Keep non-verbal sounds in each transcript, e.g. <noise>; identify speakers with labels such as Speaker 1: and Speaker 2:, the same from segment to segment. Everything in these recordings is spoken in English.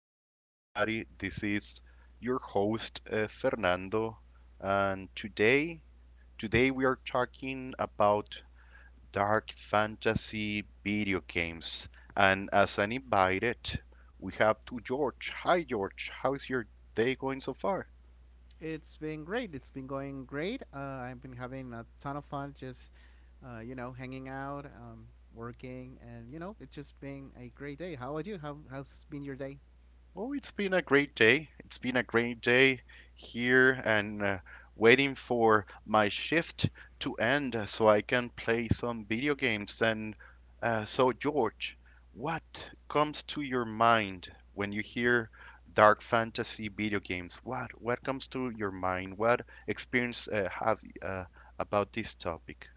Speaker 1: to everybody. This is your host Fernando, and today we are talking about dark fantasy video games. And as an invited, we have to George. Hi, George. How's your day going so far?
Speaker 2: It's been great. It's been going great. I've been having a ton of fun hanging out, working, and, you know, it's just been a great day. How about you? How's been your day?
Speaker 1: Well, it's been a great day. It's been a great day here and waiting for my shift to end so I can play some video games. And so, George, what comes to your mind when you hear dark fantasy video games? What comes to your mind? What experience have uh, about this topic?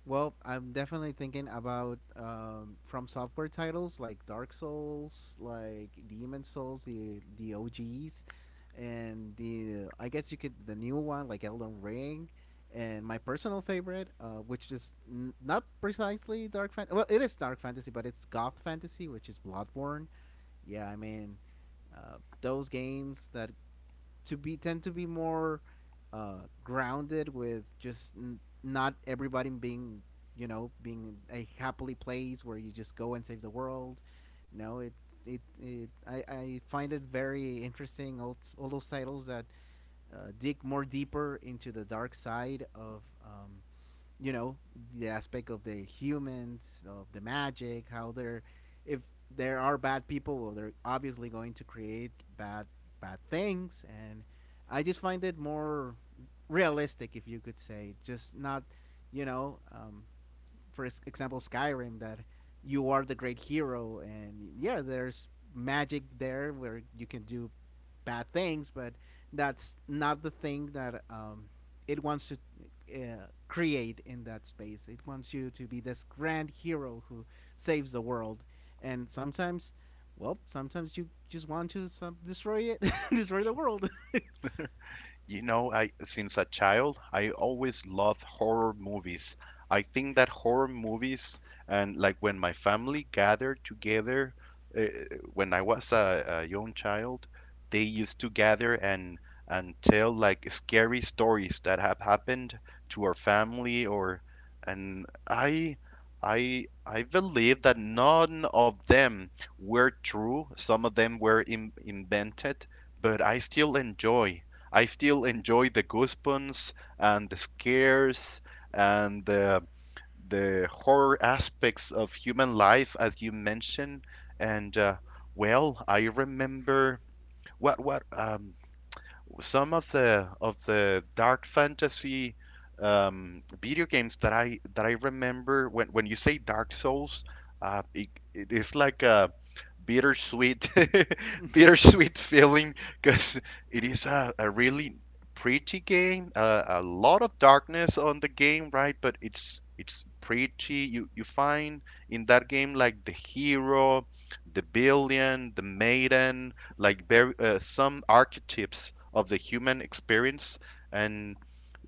Speaker 2: Well, I'm definitely thinking about from software titles like Dark Souls, like Demon Souls, the OGs, and the I guess you could the new one like Elden Ring, and my personal favorite, which is not precisely dark fantasy. Well, it is dark fantasy, but it's goth fantasy, which is Bloodborne. Yeah, I mean, those games that to be tend to be more grounded with just not everybody being, you know, being a happily place where you just go and save the world. No, it, I find it very interesting, all those titles that dig more deeper into the dark side of, um, you know the aspect of the humans, of the magic, how they're, if there are bad people, well, they're obviously going to create bad things. And I just find it more realistic, if you could say, just not, you know, for example, Skyrim, that you are the great hero, and yeah, there's magic there where you can do bad things, but that's not the thing that, it wants to create in that space. It wants you to be this grand hero who saves the world, and sometimes. Well, sometimes you just want to destroy it, <laughs> destroy the world. <laughs>
Speaker 1: You know, I since a child, I always loved horror movies. I think that horror movies and like when my family gathered together uh, when I was a young child, they used to gather and tell like scary stories that have happened to our family or and I believe that none of them were true. Some of them were invented, but I still enjoy. I still enjoy the goosebumps and the scares and the horror aspects of human life, as you mentioned. And well, I remember what some of the dark fantasy video games that I remember when you say Dark Souls, it, it is like a bittersweet <laughs> bittersweet feeling because it is a really pretty game a lot of darkness on the game, right? But it's pretty. You find in that game like the hero, the billion, the maiden, like very some archetypes of the human experience. And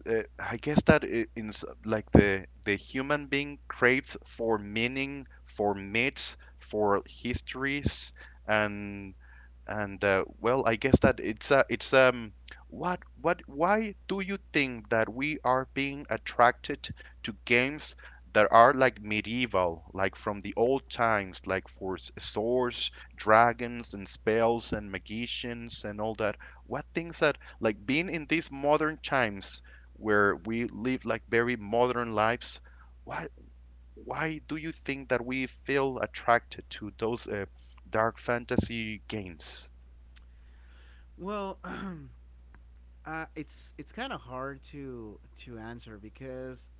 Speaker 1: I guess that I- in s- like the human being craves for meaning, for myths, for histories, and Well, I guess that it's what why do you think that we are being attracted to games that are like medieval, like from the old times, like for swords, dragons, and spells and magicians and all that? What things that like being in these modern times where we live like very modern lives, why why do you think that we feel attracted to those dark fantasy games?
Speaker 2: Well, <clears throat> it's kind of hard to answer because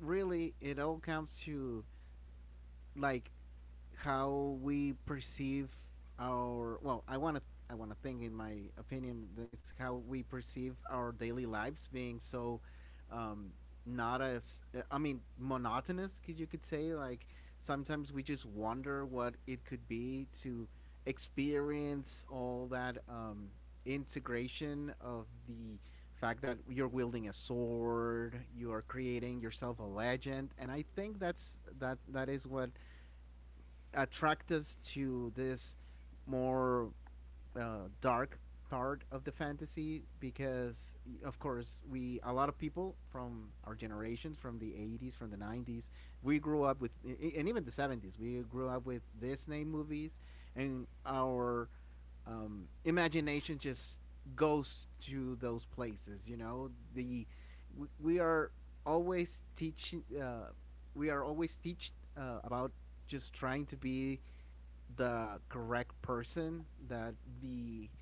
Speaker 2: really it all comes to, like, how we perceive our, well, I want to think, in my opinion, that's how we perceive our daily lives being so, um not as, I mean, monotonous, because you could say, like, sometimes we just wonder what it could be to experience all that, integration of the fact that you're wielding a sword, you are creating yourself a legend. And I think that's that that is what attract us to this more, dark part of the fantasy, because of course we, a lot of people from our generations, from the 80s, from the 90s, we grew up with, and even the 70s, we grew up with Disney movies, and our, imagination just goes to those places. You know, we are always teaching. We are always teach About just trying to be the correct person. That the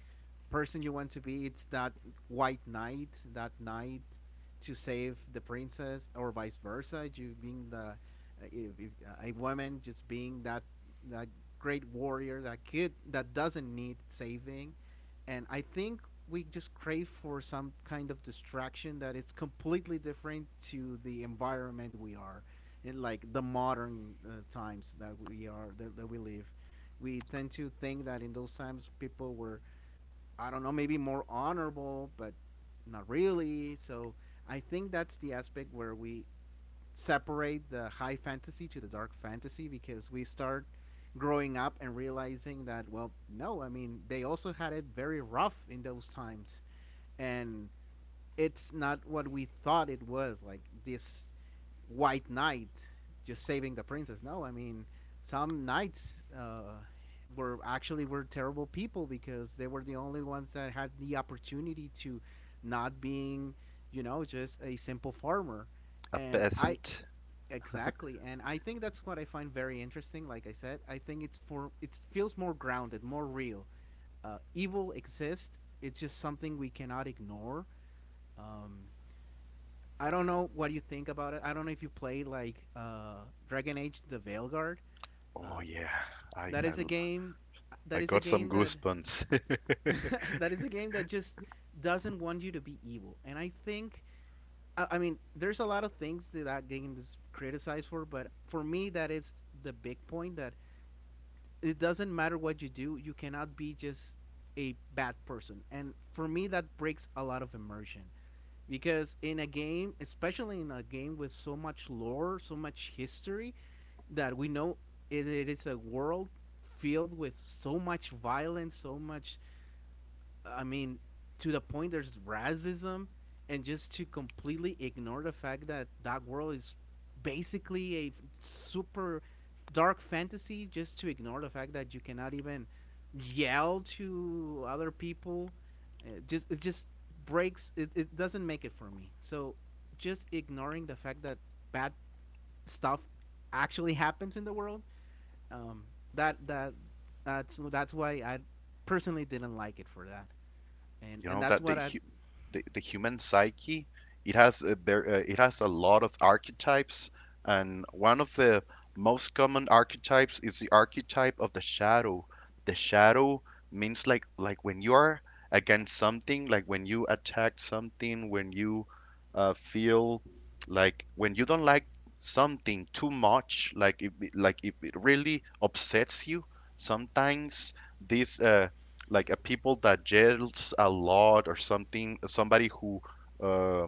Speaker 2: person you want to be. It's that white knight. That knight to save the princess, or vice versa, you being the, if, a woman, just being that that great warrior, that kid that doesn't need saving. And I think we just crave for some kind of distraction that it's completely different to the environment we are in, like the modern, times that we are, that we live. We tend to think that in those times people were, I don't know, maybe more honorable, but not really. So I think that's the aspect where we separate the high fantasy to the dark fantasy, because we start growing up and realizing that, well, no, I mean, they also had it very rough in those times. And it's not what we thought it was, like this white knight just saving the princess. No, I mean, some knights, were actually were terrible people, because they were the only ones that had the opportunity to not being, you know, just a simple farmer.
Speaker 1: A
Speaker 2: And I,
Speaker 1: peasant.
Speaker 2: exactly, and I think that's what I find very interesting. Like I said, I think it's for, it feels more grounded, more real. Evil exists, it's just something we cannot ignore. um, I don't know what you think about it. I don't know if you played like, Dragon Age: The Veilguard.
Speaker 1: Oh
Speaker 2: Uh,
Speaker 1: yeah, I
Speaker 2: that
Speaker 1: I,
Speaker 2: is a game.
Speaker 1: I
Speaker 2: That is
Speaker 1: got
Speaker 2: a
Speaker 1: some
Speaker 2: game that.
Speaker 1: goosebumps.
Speaker 2: <laughs> That is a game that just doesn't want you to be evil. And I think, I mean, there's a lot of things that that game is criticized for, but for me, that is the big point, that it doesn't matter what you do, you cannot be just a bad person. And for me, that breaks a lot of immersion, because in a game, especially in a game with so much lore, so much history, that we know, it is a world filled with so much violence, so much, I mean, to the point there's racism, and just to completely ignore the fact that that world is basically a super dark fantasy, just to ignore the fact that you cannot even yell to other people, just it just breaks. It doesn't make it for me. So just ignoring the fact that bad stuff actually happens in the world, um, that that that's why I personally didn't like it for that,
Speaker 1: You
Speaker 2: and
Speaker 1: know
Speaker 2: that's
Speaker 1: that
Speaker 2: what I.
Speaker 1: the human psyche, it has it has a lot of archetypes, and one of the most common archetypes is the archetype of the shadow. The shadow means like when you are against something, like when you attack something, when you feel like when you don't like something too much, like if, like if it really upsets you sometimes. This like a people that yells a lot or something, somebody who uh,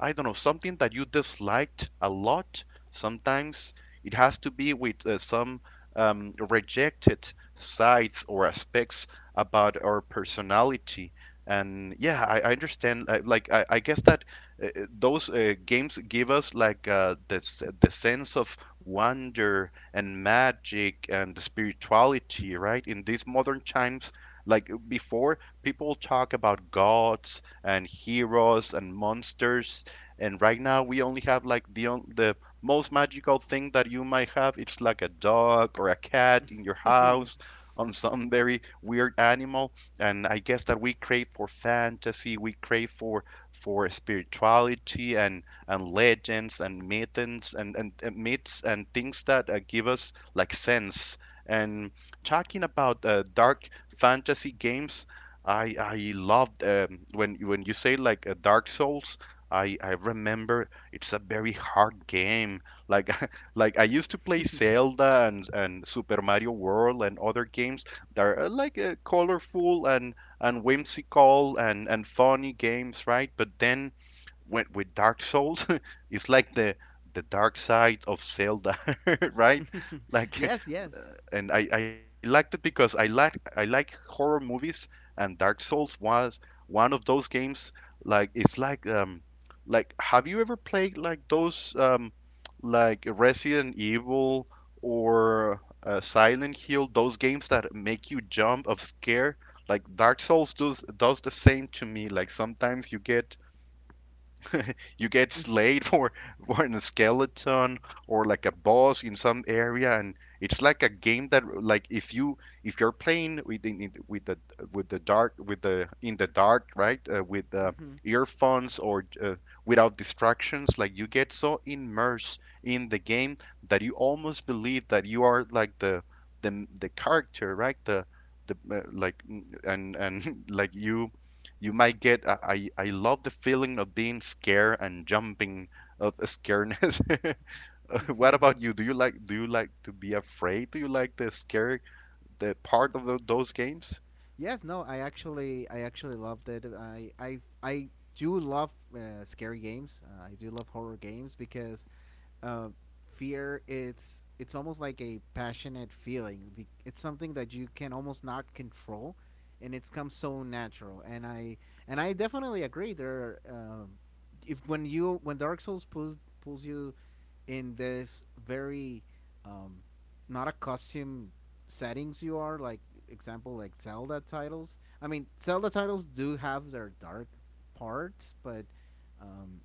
Speaker 1: I don't know, something that you disliked a lot. Sometimes it has to be with some rejected sides or aspects about our personality. And yeah, I understand. Like I guess that those games give us like this the sense of wonder and magic and spirituality, right? In these modern times, like before, people talk about gods and heroes and monsters, and right now we only have like the most magical thing that you might have. It's like a dog or a cat in your house
Speaker 2: <laughs>
Speaker 1: on some very weird animal. And I guess that we crave for fantasy, we crave for spirituality and legends and myths and myths and things that give us like sense. And talking about dark fantasy games. I loved when you say like Dark Souls. I remember it's a very hard game. Like <laughs> like I used to play Zelda and Super Mario World and other games that are like colorful and whimsical and funny games, right? But then when with Dark Souls, <laughs> it's like the dark side of Zelda, <laughs> right? Like
Speaker 2: Yes, yes.
Speaker 1: and I liked it because I like horror movies, and Dark Souls was one of those games. Like it's like have you ever played like those like Resident Evil or Silent Hill? Those games that make you jump of scare. Like Dark Souls does the same to me. Like sometimes you get slayed <laughs> for a skeleton or like a boss in some area, and it's like a game that, like, if you, if you're playing with with the dark, with the in the dark, right? With
Speaker 2: Hmm.
Speaker 1: Earphones or without distractions, like you get so immersed in the game that you almost believe that you are like the character, right? The uh, like mm, and <laughs> like you might get I love the feeling of being scared and jumping of the scaredness. <laughs> What about you? Do you like to be afraid? Do you like the scary, the part of those games?
Speaker 2: Yes, no, I actually, loved it. I do love scary games. I do love horror games, because uh, fear, it's almost like a passionate feeling. It's something that you can almost not control, and it's come so natural. And I definitely agree. There are, if, when you, when Dark Souls pulls you in this very, um, not a costume settings, you are like, example, like Zelda titles, I mean, Zelda titles do have their dark parts, but, um,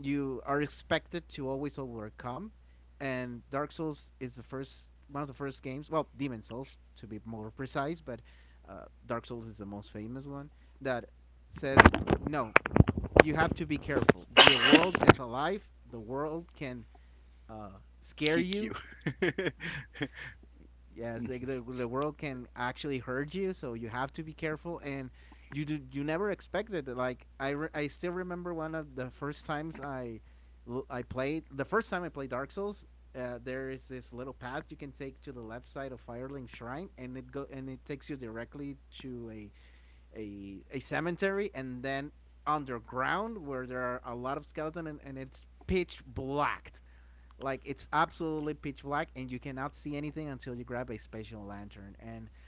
Speaker 2: you are expected to always overcome. And Dark Souls is the first one of the first games. Well, Demon Souls, to be more precise, but Dark Souls is the most famous one that says no. You have to be careful. The world is alive. The world can, scare
Speaker 1: Kick
Speaker 2: you.
Speaker 1: you. <laughs>
Speaker 2: Yes, like the world can actually hurt you, so you have to be careful. And you do, you never expect it. Like I still remember one of the first times I played, the first time I played Dark Souls. There is this little path you can take to the left side of Firelink Shrine, and it go and it takes you directly to a a cemetery, and then underground, where there are a lot of skeletons, and it's pitch blacked. Like, it's absolutely pitch black and you cannot see anything until you grab a special lantern. And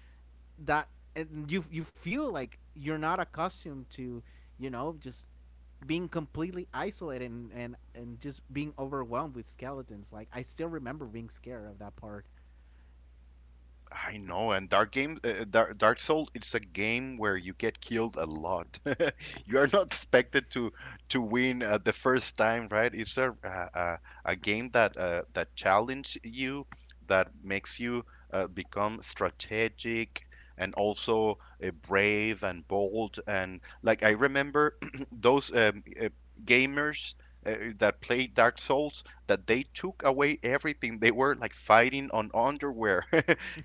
Speaker 2: that, and you feel like you're not accustomed to, you know, just being completely isolated, and just being overwhelmed with skeletons. Like, I still remember being scared of that part.
Speaker 1: I know, and Dark Soul, it's a game where you get killed a lot. <laughs> You are not expected to win the first time, right? It's a game that that challenge you, that makes you become strategic and also brave and bold. And like I remember <clears throat> those gamers. That played Dark Souls, that they took away everything. They were like fighting on underwear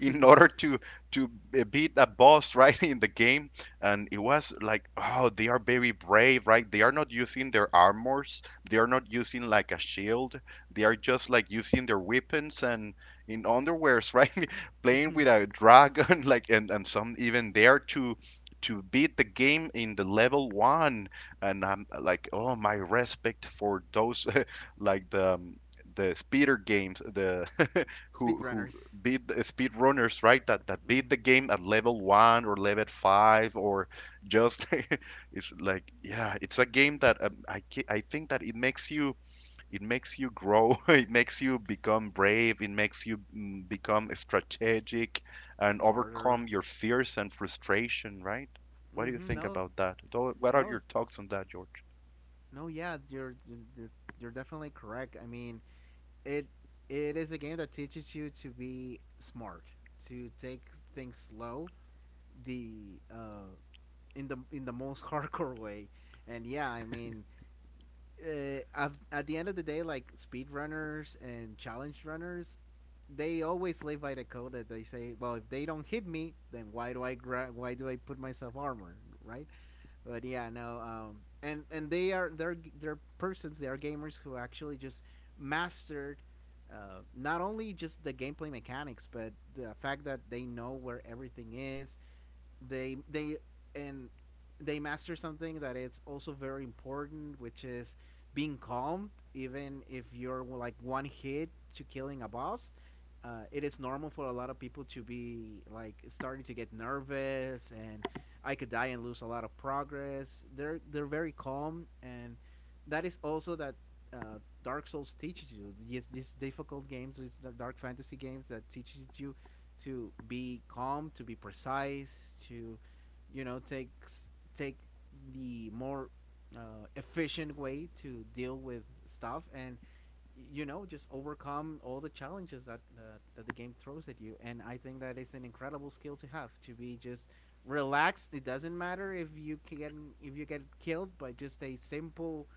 Speaker 1: in order to to beat a boss <laughs> right in the game. And it was like, oh, they are very brave, right? They are not using their armors, they are not using like a shield, they are just like using their weapons and in underwears, right? <laughs> Playing with a dragon. <laughs> Like, and some even there to beat the game in the level one. And I'm like, oh, my respect for those. <laughs> Like the speeder games, the <laughs> who
Speaker 2: Speedrunners.
Speaker 1: beat speed runners, right? That that beat the
Speaker 2: Mm-hmm.
Speaker 1: game at level one or level five or just <laughs> it's like, yeah, it's a game that I I think that it makes you, it makes you grow, <laughs> it makes you become brave, it makes you, become strategic and overcome
Speaker 2: Smarter.
Speaker 1: your fears and frustration, right? What do you
Speaker 2: Mm-hmm.
Speaker 1: think
Speaker 2: No,
Speaker 1: about that? What are your
Speaker 2: no,
Speaker 1: thoughts on that, George?
Speaker 2: no. Yeah, you're you're definitely correct. I mean, it it is a game that teaches you to be smart, to take things slow, the, in the in the most <laughs> hardcore way. And yeah, I mean, at the end of the day, like speedrunners and challenge runners, they always live by the code that they say, well, if they don't hit me, then why do why do I put myself armor, right? But yeah, no. And they are, they're persons, they are gamers who actually just mastered, not only just the gameplay mechanics, but the fact that they know where everything is, they they and they master something that it's also very important, which is being calm, even if you're like one hit to killing a boss. It is normal for a lot of people to be like starting to get nervous, and I could die and lose a lot of progress. They're very calm. And that is also that, Dark Souls teaches you. Yes, these difficult games, it's the dark fantasy games that teaches you to be calm, to be precise, to, you know, take the more, efficient way to deal with stuff, and, you know, just overcome all the challenges that, that the game throws at you. And I think that is an incredible skill to have, to be just relaxed. It doesn't matter if you can, if you get killed by just a simple,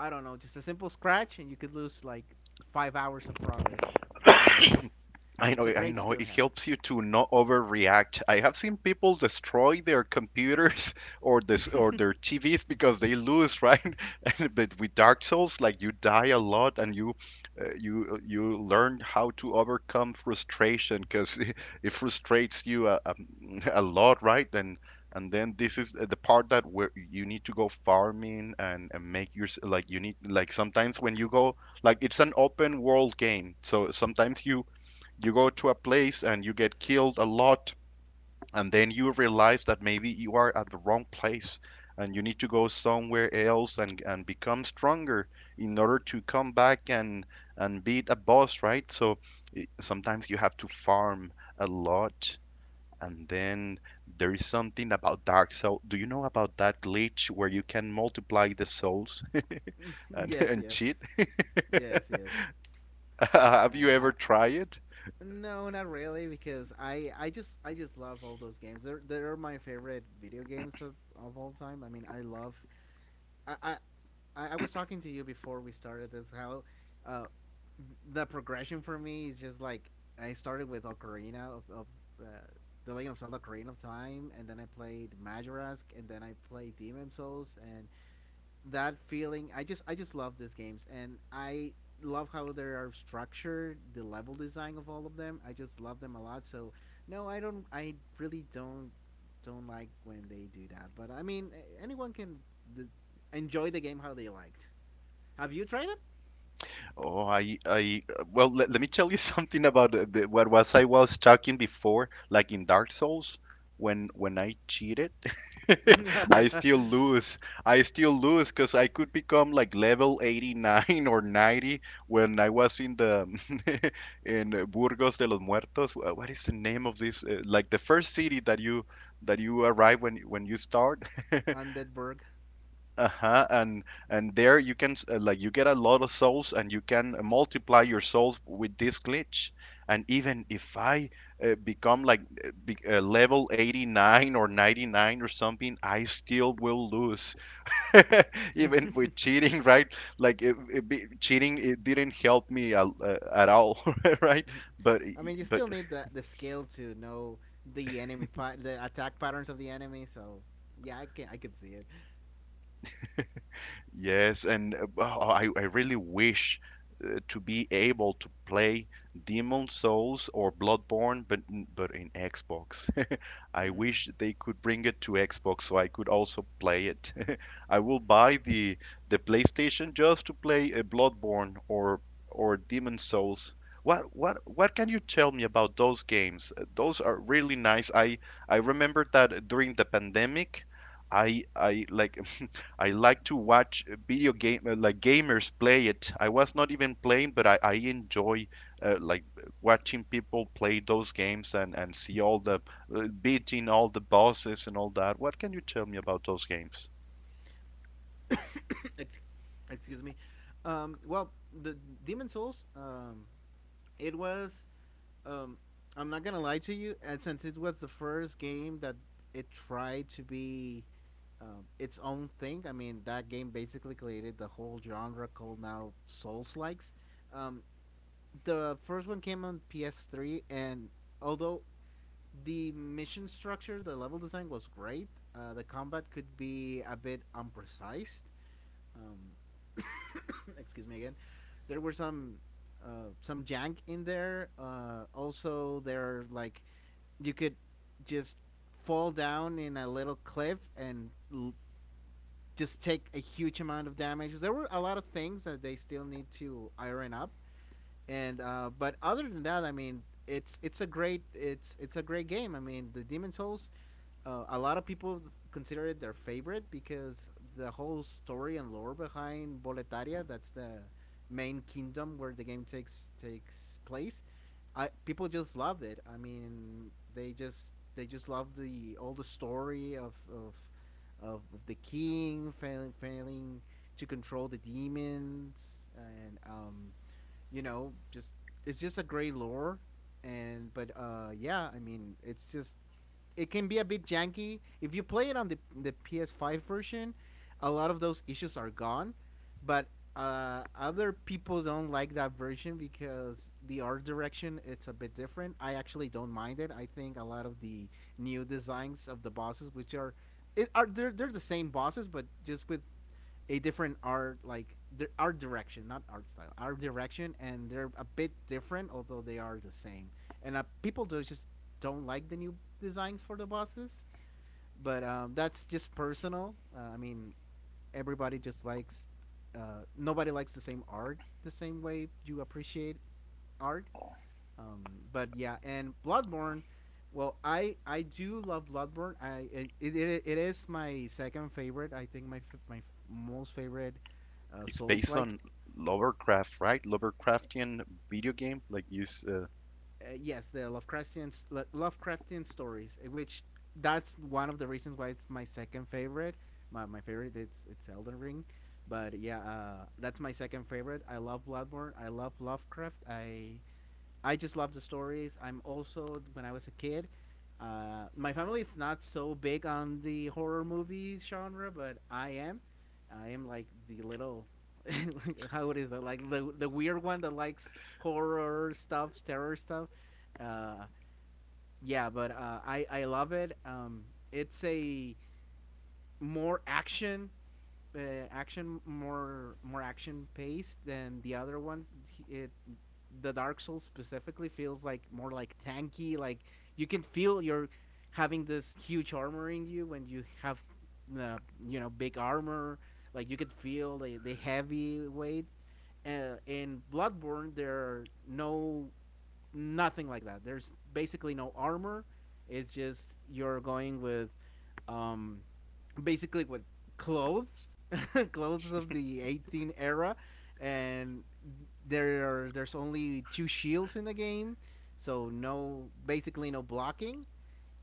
Speaker 2: I don't know, just a simple scratch, and you could lose like 5 hours of progress. No, it's
Speaker 1: I know,
Speaker 2: it's a
Speaker 1: I
Speaker 2: great
Speaker 1: know.
Speaker 2: skill
Speaker 1: It
Speaker 2: to have.
Speaker 1: helps you to not overreact. I have seen people destroy their computers <laughs> or this
Speaker 2: <laughs>
Speaker 1: or their TVs because they lose, right? <laughs> And, but with Dark Souls, like you die a lot, and you learn how to overcome frustration because <laughs> it frustrates you <laughs> a lot, right? And then this is the part that where you need to go farming and make your, like you need, like sometimes when you go, like it's an open world game, so sometimes you go to a place and you get killed a lot, and then you realize that maybe you are at the wrong place, and you need to go somewhere else and become stronger in order to come back and beat a boss, right? So sometimes you have to farm a lot, and then there is something about Dark Souls. Do you know about that glitch where you can multiply the souls <laughs>
Speaker 2: Yes,
Speaker 1: and cheat? <laughs>
Speaker 2: yes.
Speaker 1: Have you
Speaker 2: I,
Speaker 1: ever tried it?
Speaker 2: no, not really, because I just love all those games. They're my favorite video games of all time. I mean, I love. I I I was talking to you before we started this, how, uh, the progression for me is just like I started with Ocarina of uh, the Legend of Zelda: Ocarina of Time, and then I played Majorask, and then I played Demon Souls, and that feeling. I just love these games, and I love how they are structured, the level design of all of them. I just love them a lot. So no, I don't, I really don't like when they do that, but I mean anyone can d- enjoy the game how they liked. Have you tried
Speaker 1: Oh, I, well, let, let me tell you <laughs> something about what was I was talking before, like in Dark Souls, when I cheated, <laughs> I
Speaker 2: them? <laughs>
Speaker 1: still lose. I still lose because I could become like level 89 <laughs> or 90 when I was in the <laughs> in Burgos de los Muertos. What is the name of this? Like the first city that you arrive when you start. <laughs>
Speaker 2: Undead burg.
Speaker 1: Uh-huh. And there you can like you get a lot of souls, and you can multiply your souls with this glitch. And even if I become like level 89 or 99 or something, I still will lose <laughs> even with cheating, right? Like cheating, it didn't help me at all. <laughs> Right?
Speaker 2: Mhm.
Speaker 1: But
Speaker 2: <laughs> I mean you still
Speaker 1: but
Speaker 2: need the skill to know the enemy the attack patterns of the enemy. So yeah, I can see it.
Speaker 1: yes, and oh, oh, I really wish to be able to play Demon Souls or Bloodborne, but but in Xbox. <laughs> I
Speaker 2: Mm.
Speaker 1: wish they could bring it to Xbox so I could also play it. <laughs> I will buy the PlayStation just to play Bloodborne or Demon Souls. What can you tell me about those games? Those are really nice. I remember that during the pandemic. I like I like to watch video game like gamers play it. I was not even playing, but I enjoy watching people play those games and see all the beating all the bosses and all that. What can you tell me about those games?
Speaker 2: <coughs> Excuse me. Well, the Demon Souls, it was. Um, I'm not gonna lie to you, and since it was the first game that it tried to be its own thing, I mean that game basically created the whole genre called now Souls likes. Um, the first one came on PS3, and although the mission structure, the level design was great, the combat could be a bit unprecise. um, <coughs> Excuse me again. There were some, some jank in there. Also, there like you could just fall down in a little cliff and just take a huge amount of damage. There were a lot of things that they still need to iron up, and but other than that, I mean, it's a great game. I mean, the Demon Souls, a lot of people consider it their favorite because the whole story and lore behind Boletaria, that's the main kingdom where the game takes place. I People just loved it. I mean, they just loved the all the story of the king failing to control the demons. And just it's just a great lore, and but yeah, I mean, it's just it can be a bit janky if you play it on the PS5 version. A lot of those issues are gone, but other people don't like that version because the art direction it's a bit different. I actually don't mind it. I think a lot of the new designs of the bosses, which are it are they're the same bosses but just with a different art, like their art direction, not art style, art direction, and they're a bit different, although they are the same. And people do just don't like the new designs for the bosses, but that's just personal. I mean, everybody just likes. Nobody likes the same art the same way you appreciate art. Um, but yeah, and Bloodborne. Well, I do love Bloodborne. It is my second favorite. I think most favorite
Speaker 1: It's
Speaker 2: Souls
Speaker 1: based
Speaker 2: like.
Speaker 1: on Lovecraft, right? Lovecraftian video game like use.
Speaker 2: Yes, the Lovecraftian stories, which that's one of the reasons why it's my second favorite. My favorite it's Elden Ring, but yeah, that's my second favorite. I love Bloodborne. I love Lovecraft. I just love the stories. I'm also when I was a kid, my family is not so big on the horror movie genre, but I am. I am like the little, <laughs> how it is, like the weird one that likes horror stuff, terror stuff. Uh, yeah, but I love it. It's a more action, uh, action, more action paced than the other ones. It, the Dark Souls specifically feels like more like tanky. Like you can feel you're having this huge armor in you when you have big armor. Like you could feel the heavy weight. In Bloodborne, there are nothing like that. There's basically no armor. It's just you're going with um, basically with clothes, <laughs> clothes of the 18 era, and there's only two shields in the game, so no, basically no blocking,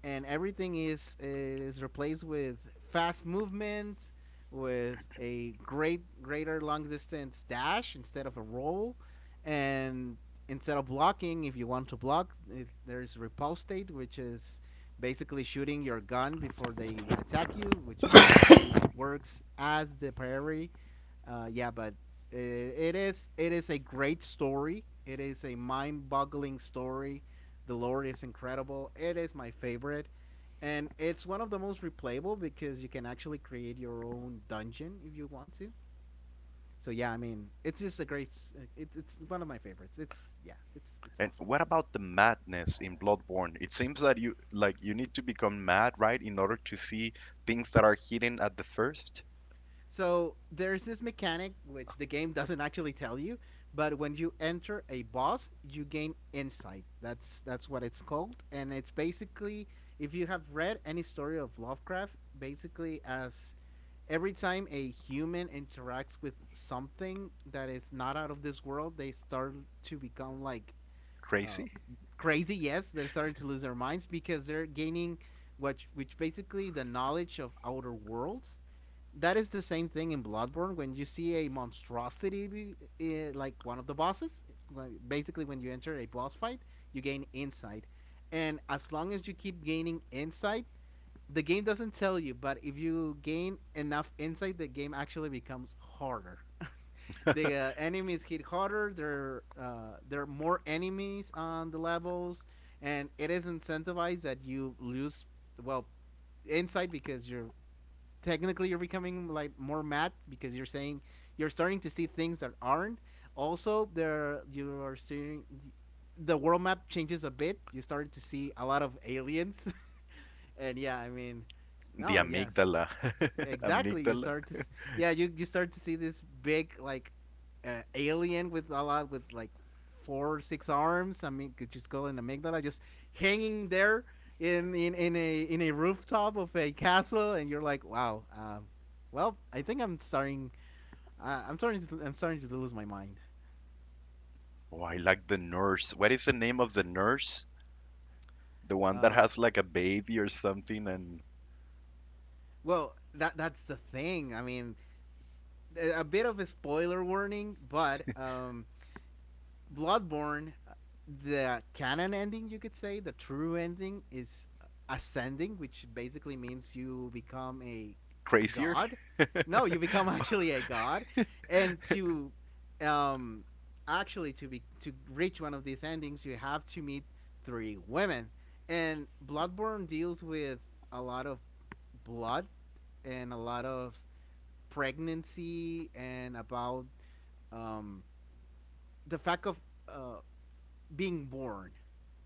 Speaker 2: and everything is replaced with fast movement, with a greater long distance dash instead of a roll, and instead of blocking, if you want to block, there's repulse state, which is basically shooting your gun before they attack you, which basically works as the priority. Yeah, but it is a great story. It is a mind-boggling story. The lore is incredible. It is my favorite, and it's one of the most replayable because you can actually create your own dungeon if you want to. So yeah, I mean, it's just a great. It's one of my favorites. It's Yeah, it's
Speaker 1: And
Speaker 2: awesome.
Speaker 1: what about the madness in Bloodborne? It seems that you like you need to become mad, right, in order to see things that are hidden at the first.
Speaker 2: So there's this mechanic which the game doesn't actually tell you, but when you enter a boss, you gain insight. That's what it's called, and it's basically if you have read any story of Lovecraft, basically as every time a human interacts with something that is not out of this world, they start to become like, uh,
Speaker 1: Crazy.
Speaker 2: crazy. Yes, they're starting to lose their minds because they're gaining what, which basically the knowledge of outer worlds. That is the same thing in Bloodborne. When you see a monstrosity, like one of the bosses, basically when you enter a boss fight, you gain insight, and as long as you keep gaining insight, the game doesn't tell you, but if you gain enough insight, the game actually becomes harder. <laughs> The enemies hit harder. There are more enemies on the levels, and it is incentivized that you lose, well, insight because you're technically you're becoming like more mad because you're starting to see things that aren't. Also, there you are steering. The world map changes a bit. You start to see a lot of aliens, <laughs> and yeah, I mean,
Speaker 1: The
Speaker 2: no, yes,
Speaker 1: amygdala. <laughs>
Speaker 2: exactly, you
Speaker 1: Amygdala.
Speaker 2: start to yeah, you start to see this big, like, alien with a lot, with like four or six arms. I mean could just call an amygdala, just hanging there in a rooftop of a castle, and you're like wow. Well, I think I'm starting to lose my mind.
Speaker 1: Oh, I like the nurse. What is the name of the nurse? The one that
Speaker 2: uh,
Speaker 1: has like a baby or something and
Speaker 2: well, that's the thing, I mean, a bit of a spoiler warning, but Bloodborne, the canon ending, you could say, the true ending is ascending, which basically means you become a
Speaker 1: crazier?
Speaker 2: god. No, you become <laughs> actually a god, and to, um, actually to reach one of these endings, you have to meet three women. And Bloodborne deals with a lot of blood and a lot of pregnancy and about, um, the fact of, uh, being born.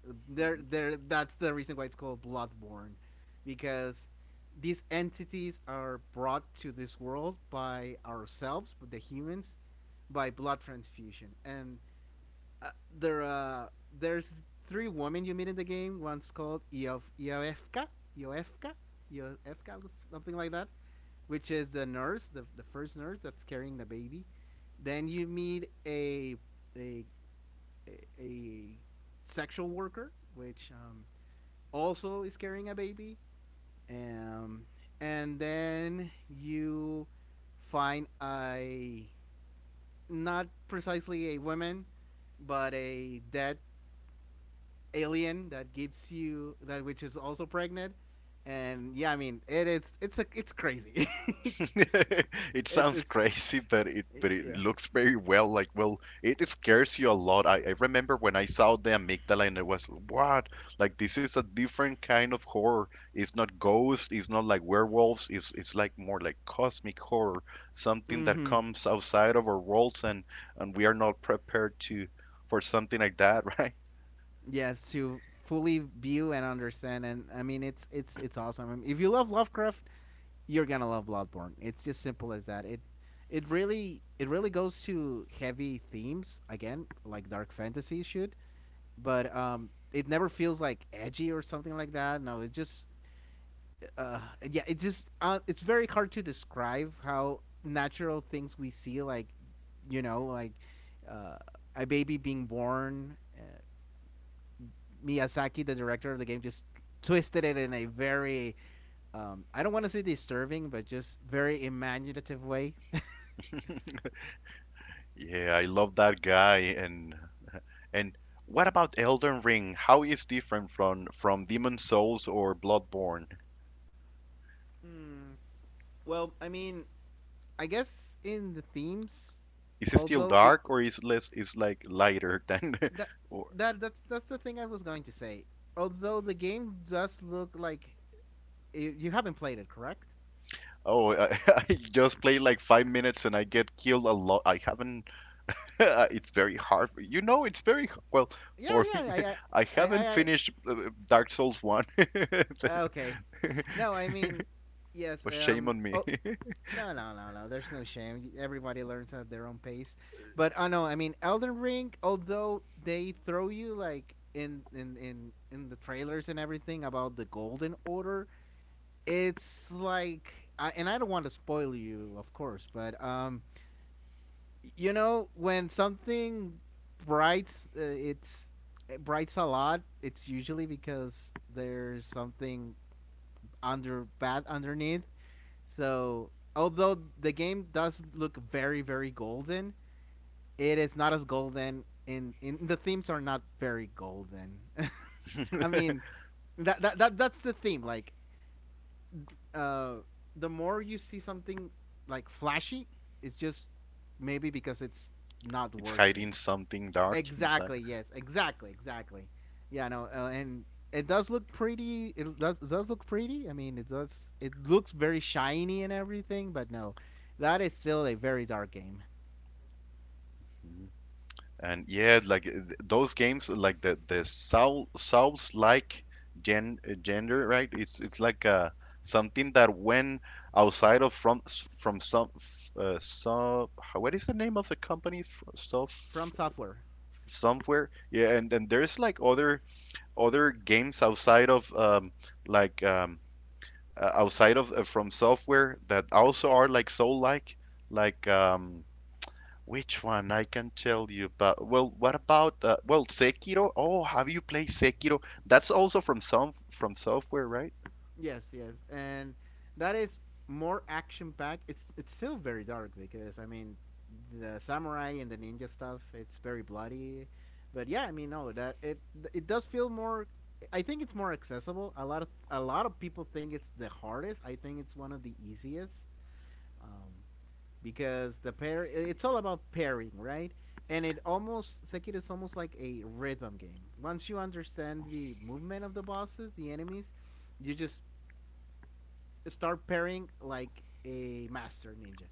Speaker 1: <laughs>
Speaker 2: There,
Speaker 1: Hmm.
Speaker 2: there. That's the reason why it's called Bloodborne, because these entities are brought to this world by ourselves, by the humans, by blood transfusion. And uh, there, uh, there's three women you meet in the game. One's called Iofka, Iofka, Iofka, something like that, which is the nurse, the first nurse that's carrying the baby. Then you meet a a, sexual worker, which, also is carrying a baby. Um, and then you find a, not precisely a woman, but a dead alien that gives you that, which is also pregnant. And yeah, I mean, it's crazy. <laughs>
Speaker 1: <laughs> It
Speaker 2: it's
Speaker 1: sounds
Speaker 2: it's
Speaker 1: crazy, but it
Speaker 2: yeah.
Speaker 1: looks very well. Like, well, it scares you a lot. I remember when I saw the amygdala and I was, what? Like, this is a different kind of horror. It's not ghost. It's not like werewolves. It's like more like cosmic horror, something that
Speaker 2: Mm-hmm.
Speaker 1: comes outside of our worlds and we are not prepared to for something like that, <laughs> right?
Speaker 2: Yes, to fully view and understand. And I mean it's awesome. I mean, if you love Lovecraft, you're gonna love Bloodborne. It's just simple as that. It it really goes to heavy themes again, like dark fantasy should, but it never feels like edgy or something like that. No, uh, yeah, it's just it's very hard to describe how natural things we see, like, like, uh, a baby being born. Miyazaki, the director of the game, just twisted it in a very, I don't want to say disturbing, but just very imaginative way. <laughs>
Speaker 1: Yeah, I love that guy. And what about Elden Ring? How is different from Demon Souls or Bloodborne?
Speaker 2: Mm, well, I mean, I guess in the themes,
Speaker 1: Is it still
Speaker 2: although it
Speaker 1: dark or is less is like lighter than
Speaker 2: that
Speaker 1: <laughs> or
Speaker 2: that's the thing I was going to say. Although the game does look like, you haven't played it, correct?
Speaker 1: oh I, <laughs> I just play like five minutes and I get killed a lot. I haven't <laughs> it's very hard. You know it's well
Speaker 2: Yeah,
Speaker 1: for <laughs> me,
Speaker 2: yeah,
Speaker 1: I
Speaker 2: I,
Speaker 1: haven't
Speaker 2: I,
Speaker 1: finished Dark Souls 1. <laughs>
Speaker 2: I okay.
Speaker 1: But
Speaker 2: No, I mean, yes.
Speaker 1: shame on me.
Speaker 2: Oh,
Speaker 1: <laughs>
Speaker 2: no, no, no, no. There's no shame. Everybody learns at their own pace. But I, know. I mean, Elden Ring, although they throw you like in the trailers and everything about the Golden Order, it's like, and I don't want to spoil you, of course, but when something brights, it brights a lot. It's usually because there's something under bad underneath. So, although the game does look very, very golden, it is not as golden. In The themes are not very golden. <laughs> I mean, that, that that that's the theme. Like, uh, the more you see something like flashy, it's just maybe because it's not
Speaker 1: It's
Speaker 2: worth it.
Speaker 1: hiding something dark inside.
Speaker 2: Exactly. Yes. Exactly. Exactly. Yeah. No. And it does look pretty. It does look pretty. I mean, it does. It looks very shiny and everything. But no, that is still a very dark game
Speaker 1: Hmm. And yeah, like those games, like the souls like gender, right? It's like something that when outside of from s- from some so how, what is the name of the company? F-
Speaker 2: from
Speaker 1: Sof
Speaker 2: software.
Speaker 1: somewhere. Yeah, and there's like other games outside of like outside of from software that also are like soul like um, which one? I can tell you, but well, what about Sekiro? Oh, have you played Sekiro? That's also from some from software, right?
Speaker 2: Yes, yes, and that is more action packed. It's still very dark because I mean, the samurai and the ninja stuff. It's very bloody, but yeah, I mean, no, that it does feel more. I think it's more accessible. A lot of people think it's the hardest. I think it's one of the easiest um, because the pair. It's all about pairing, right? And it almost Sekiro is almost like a rhythm game. Once you understand the movement of the bosses, the enemies, you just start pairing like a master ninja.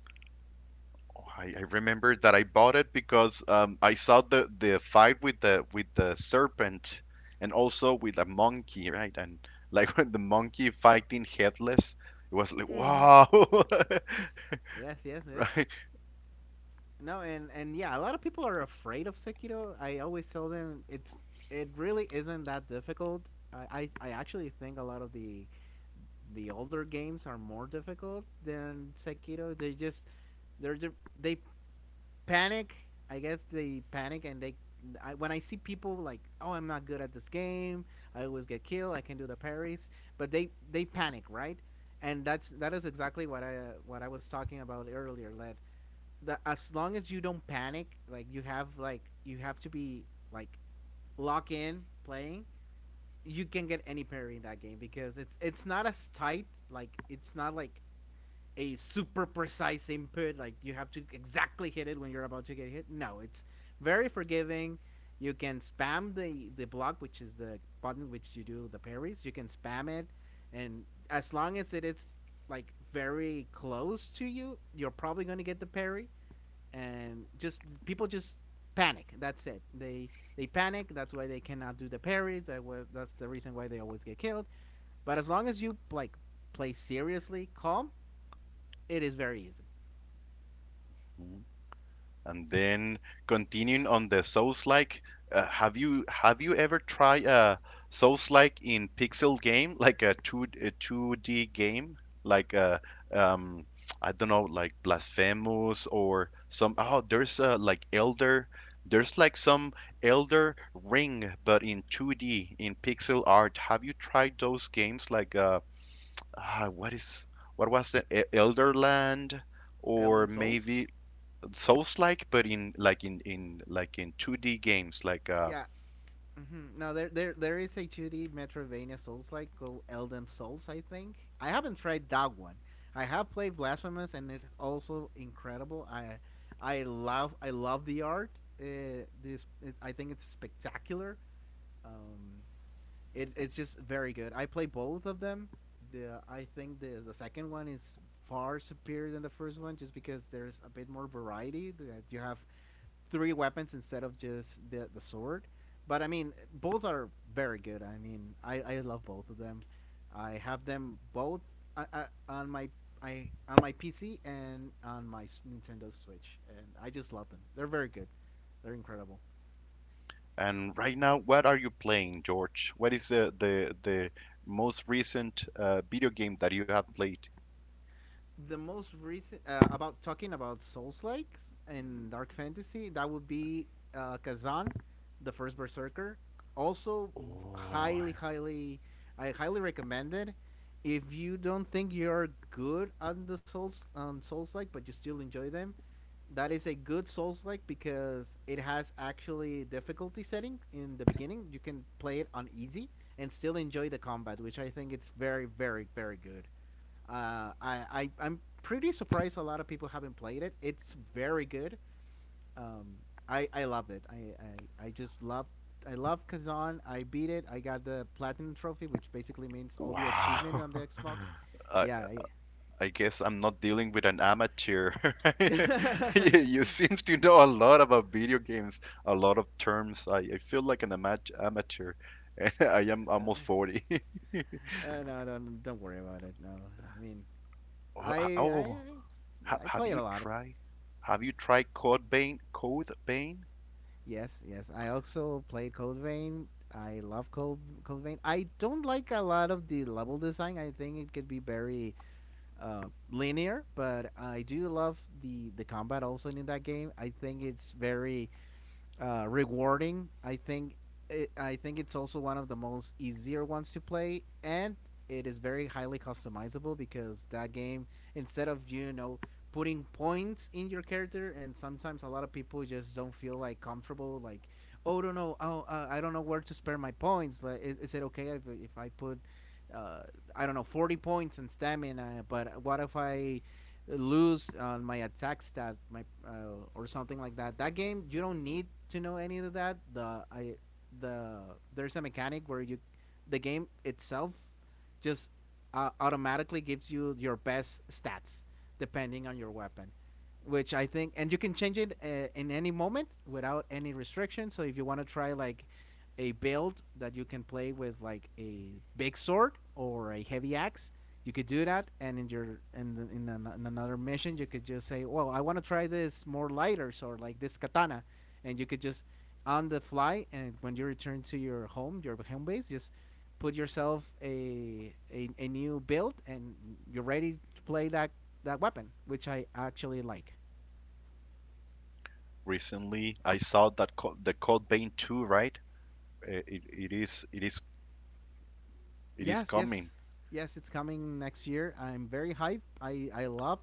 Speaker 1: Oh, I remember that I bought it because I saw the fight with the serpent and also with the monkey, right? And like <laughs> when the monkey fighting headless, it was like
Speaker 2: Mm-hmm.
Speaker 1: wow. <laughs>
Speaker 2: Yes, yes,
Speaker 1: Right?
Speaker 2: yes. No, and yeah, a lot of people are afraid of Sekiro. I always tell them it's it really isn't that difficult. I actually think a lot of the older games are more difficult than Sekiro. They just they panic. I guess they panic and they. I, when I see people like, oh, I'm not good at this game. I always get killed. I can do the parries, but they panic, right? And that is exactly what I was talking about earlier. Lev. That as long as you don't panic, like you have, like you have to be like lock in playing, you can get any parry in that game because it's not as tight. Like it's not like a super precise input, like you have to exactly hit it when you're about to get hit. No, it's very forgiving. You can spam the block, which is the button which you do the parries. You can spam it, and as long as it is like very close to you, you're probably going to get the parry. And just people just panic. That's it. They panic. That's why they cannot do the parries. That was that's the reason why they always get killed. But as long as you like play seriously, calm, it is very easy.
Speaker 1: And then continuing on the Souls-like, have you ever tried a Souls-like in pixel game, like a 2D game, like um I don't know, like Blasphemous or some oh there's like Elder there's like some Elder Ring but in 2D in pixel art. Have you tried those games like what is what was the E-, Elderland or
Speaker 2: Elden Souls?
Speaker 1: maybe Souls-like, but in like in like in 2D games. Like
Speaker 2: Yeah. Mm-hmm. No, there is a 2D Metroidvania Souls like called Elden Souls, I think. I haven't tried that one. I have played Blasphemous, and it's also incredible. I love the art. This, is, I think, it's spectacular. Um, it, it's just very good. I play both of them. The, I think the second one is far superior than the first one, just because there's a bit more variety. That you have three weapons instead of just the sword. But I mean, both are very good. I mean, I love both of them. I have them both on my I on my PC and on my s- Nintendo Switch, and I just love them. They're very good. They're incredible.
Speaker 1: and right now, what are you playing, George? What is the most recent video game that you have played?
Speaker 2: The most recent about talking about Souls likes and dark fantasy, that would be Kazan, the first Berserker. Also,
Speaker 1: Oh,
Speaker 2: highly, highly, I highly recommend it. If you don't think you're good on the Souls on Souls like, but you still enjoy them, that is a good Souls like because it has actually difficulty setting in the beginning. You can play it on easy and still enjoy the combat, which I think it's very good. I'm pretty surprised a lot of people haven't played it. It's very good. Um, I loved it. I just love I love Kazan. I beat it. I got the platinum trophy, which basically means all the
Speaker 1: wow.
Speaker 2: achievement on the Xbox.
Speaker 1: <laughs> I,
Speaker 2: Yeah. I,
Speaker 1: I guess I'm not dealing with an amateur. <laughs>
Speaker 2: <laughs>
Speaker 1: You seem to know a lot about video games, a lot of terms. I feel like an amateur, <laughs> and I am almost 40. <laughs>
Speaker 2: no, don't worry about it. No, I mean I
Speaker 1: Oh,
Speaker 2: yeah,
Speaker 1: ha-
Speaker 2: I
Speaker 1: have
Speaker 2: play it
Speaker 1: you
Speaker 2: a lot.
Speaker 1: tried? Have you tried Code Bane? Code Bane
Speaker 2: Yes, yes. I also play Code Vein. I love Code Vein. I don't like a lot of the level design. I think it could be very linear, but I do love the combat also in that game. I think it's very rewarding. I think it, I think it's also one of the most easier ones to play, and it is very highly customizable because that game, instead of you know putting points in your character, and sometimes a lot of people just don't feel like comfortable like. Oh, don't know. Oh, I don't know where to spare my points. Like, is it okay if I put, uh, I don't know, 40 points in stamina? But what if I lose on my attack stat, my or something like that. That game you don't need to know any of that. The I the there's a mechanic where you the game itself just automatically gives you your best stats depending on your weapon which I think, and you can change it in any moment without any restriction. So if you want to try like a build that you can play with like a big sword or a heavy axe. You could do that, and in your in the, in, an, in another mission, you could just say, "Well, I want to try this more lighter sword, like this katana," and you could just on the fly, and when you return to your home base, just put yourself a new build, and you're ready to play that weapon, which I actually like.
Speaker 1: recently. I saw that co- the Code Bane 2, right? It, it is
Speaker 2: Yes,
Speaker 1: coming.
Speaker 2: yes, yes. It's coming next year. I'm very hyped. I love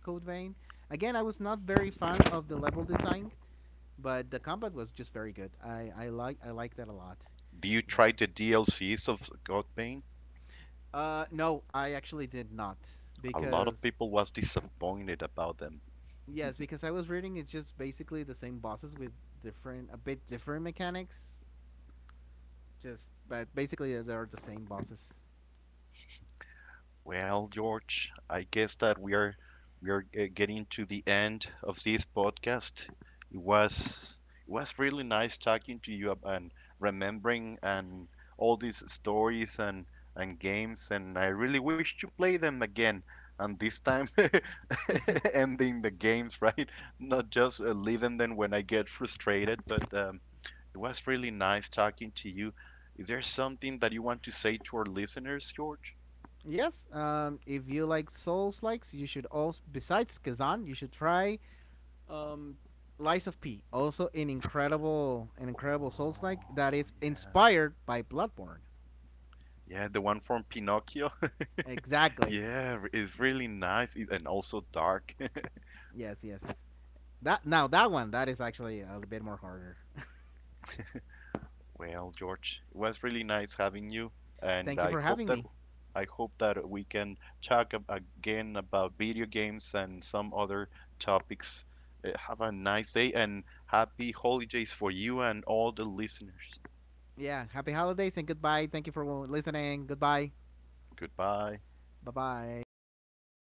Speaker 2: Code Vein. Again, I was not very fan of the level design, but the combat was just very good. I like that a lot.
Speaker 1: Do you
Speaker 2: Yeah.
Speaker 1: try the DLCs of Code Bane?
Speaker 2: No, I actually did not
Speaker 1: A lot of
Speaker 2: because
Speaker 1: people was disappointed about them.
Speaker 2: yes, because I was reading it's just basically the same bosses with different a bit different mechanics. Just but basically they are the same bosses.
Speaker 1: Well, George, I guess that we are getting to the end of this podcast. It was it was really nice talking to you, and remembering and all these stories and games, and I really wish to play them again. And this time, <laughs> ending the games, <laughs> right? Not just leaving them when I get frustrated. But it was really nice talking to you. Is there something that you want to say to our listeners, George?
Speaker 2: Yes. If you like Souls likes, you should also besides Kazan, you should try Um, Lies of P, also an incredible Souls-like that
Speaker 1: Oh,
Speaker 2: is
Speaker 1: yes.
Speaker 2: inspired by Bloodborne.
Speaker 1: Yeah, the one from Pinocchio. <laughs>
Speaker 2: Exactly.
Speaker 1: Yeah, it's really nice it, and also dark. <laughs>
Speaker 2: Yes, yes. That now that one that is actually a bit more harder.
Speaker 1: Well, George, it was really nice having you, and
Speaker 2: Thank you for having me.
Speaker 1: I hope that we can talk ab- again about video games and some other topics. Have a nice day and happy holidays for you and all the listeners.
Speaker 2: Yeah, happy holidays and goodbye. Thank you for listening. Goodbye.
Speaker 1: Goodbye.
Speaker 2: Bye bye.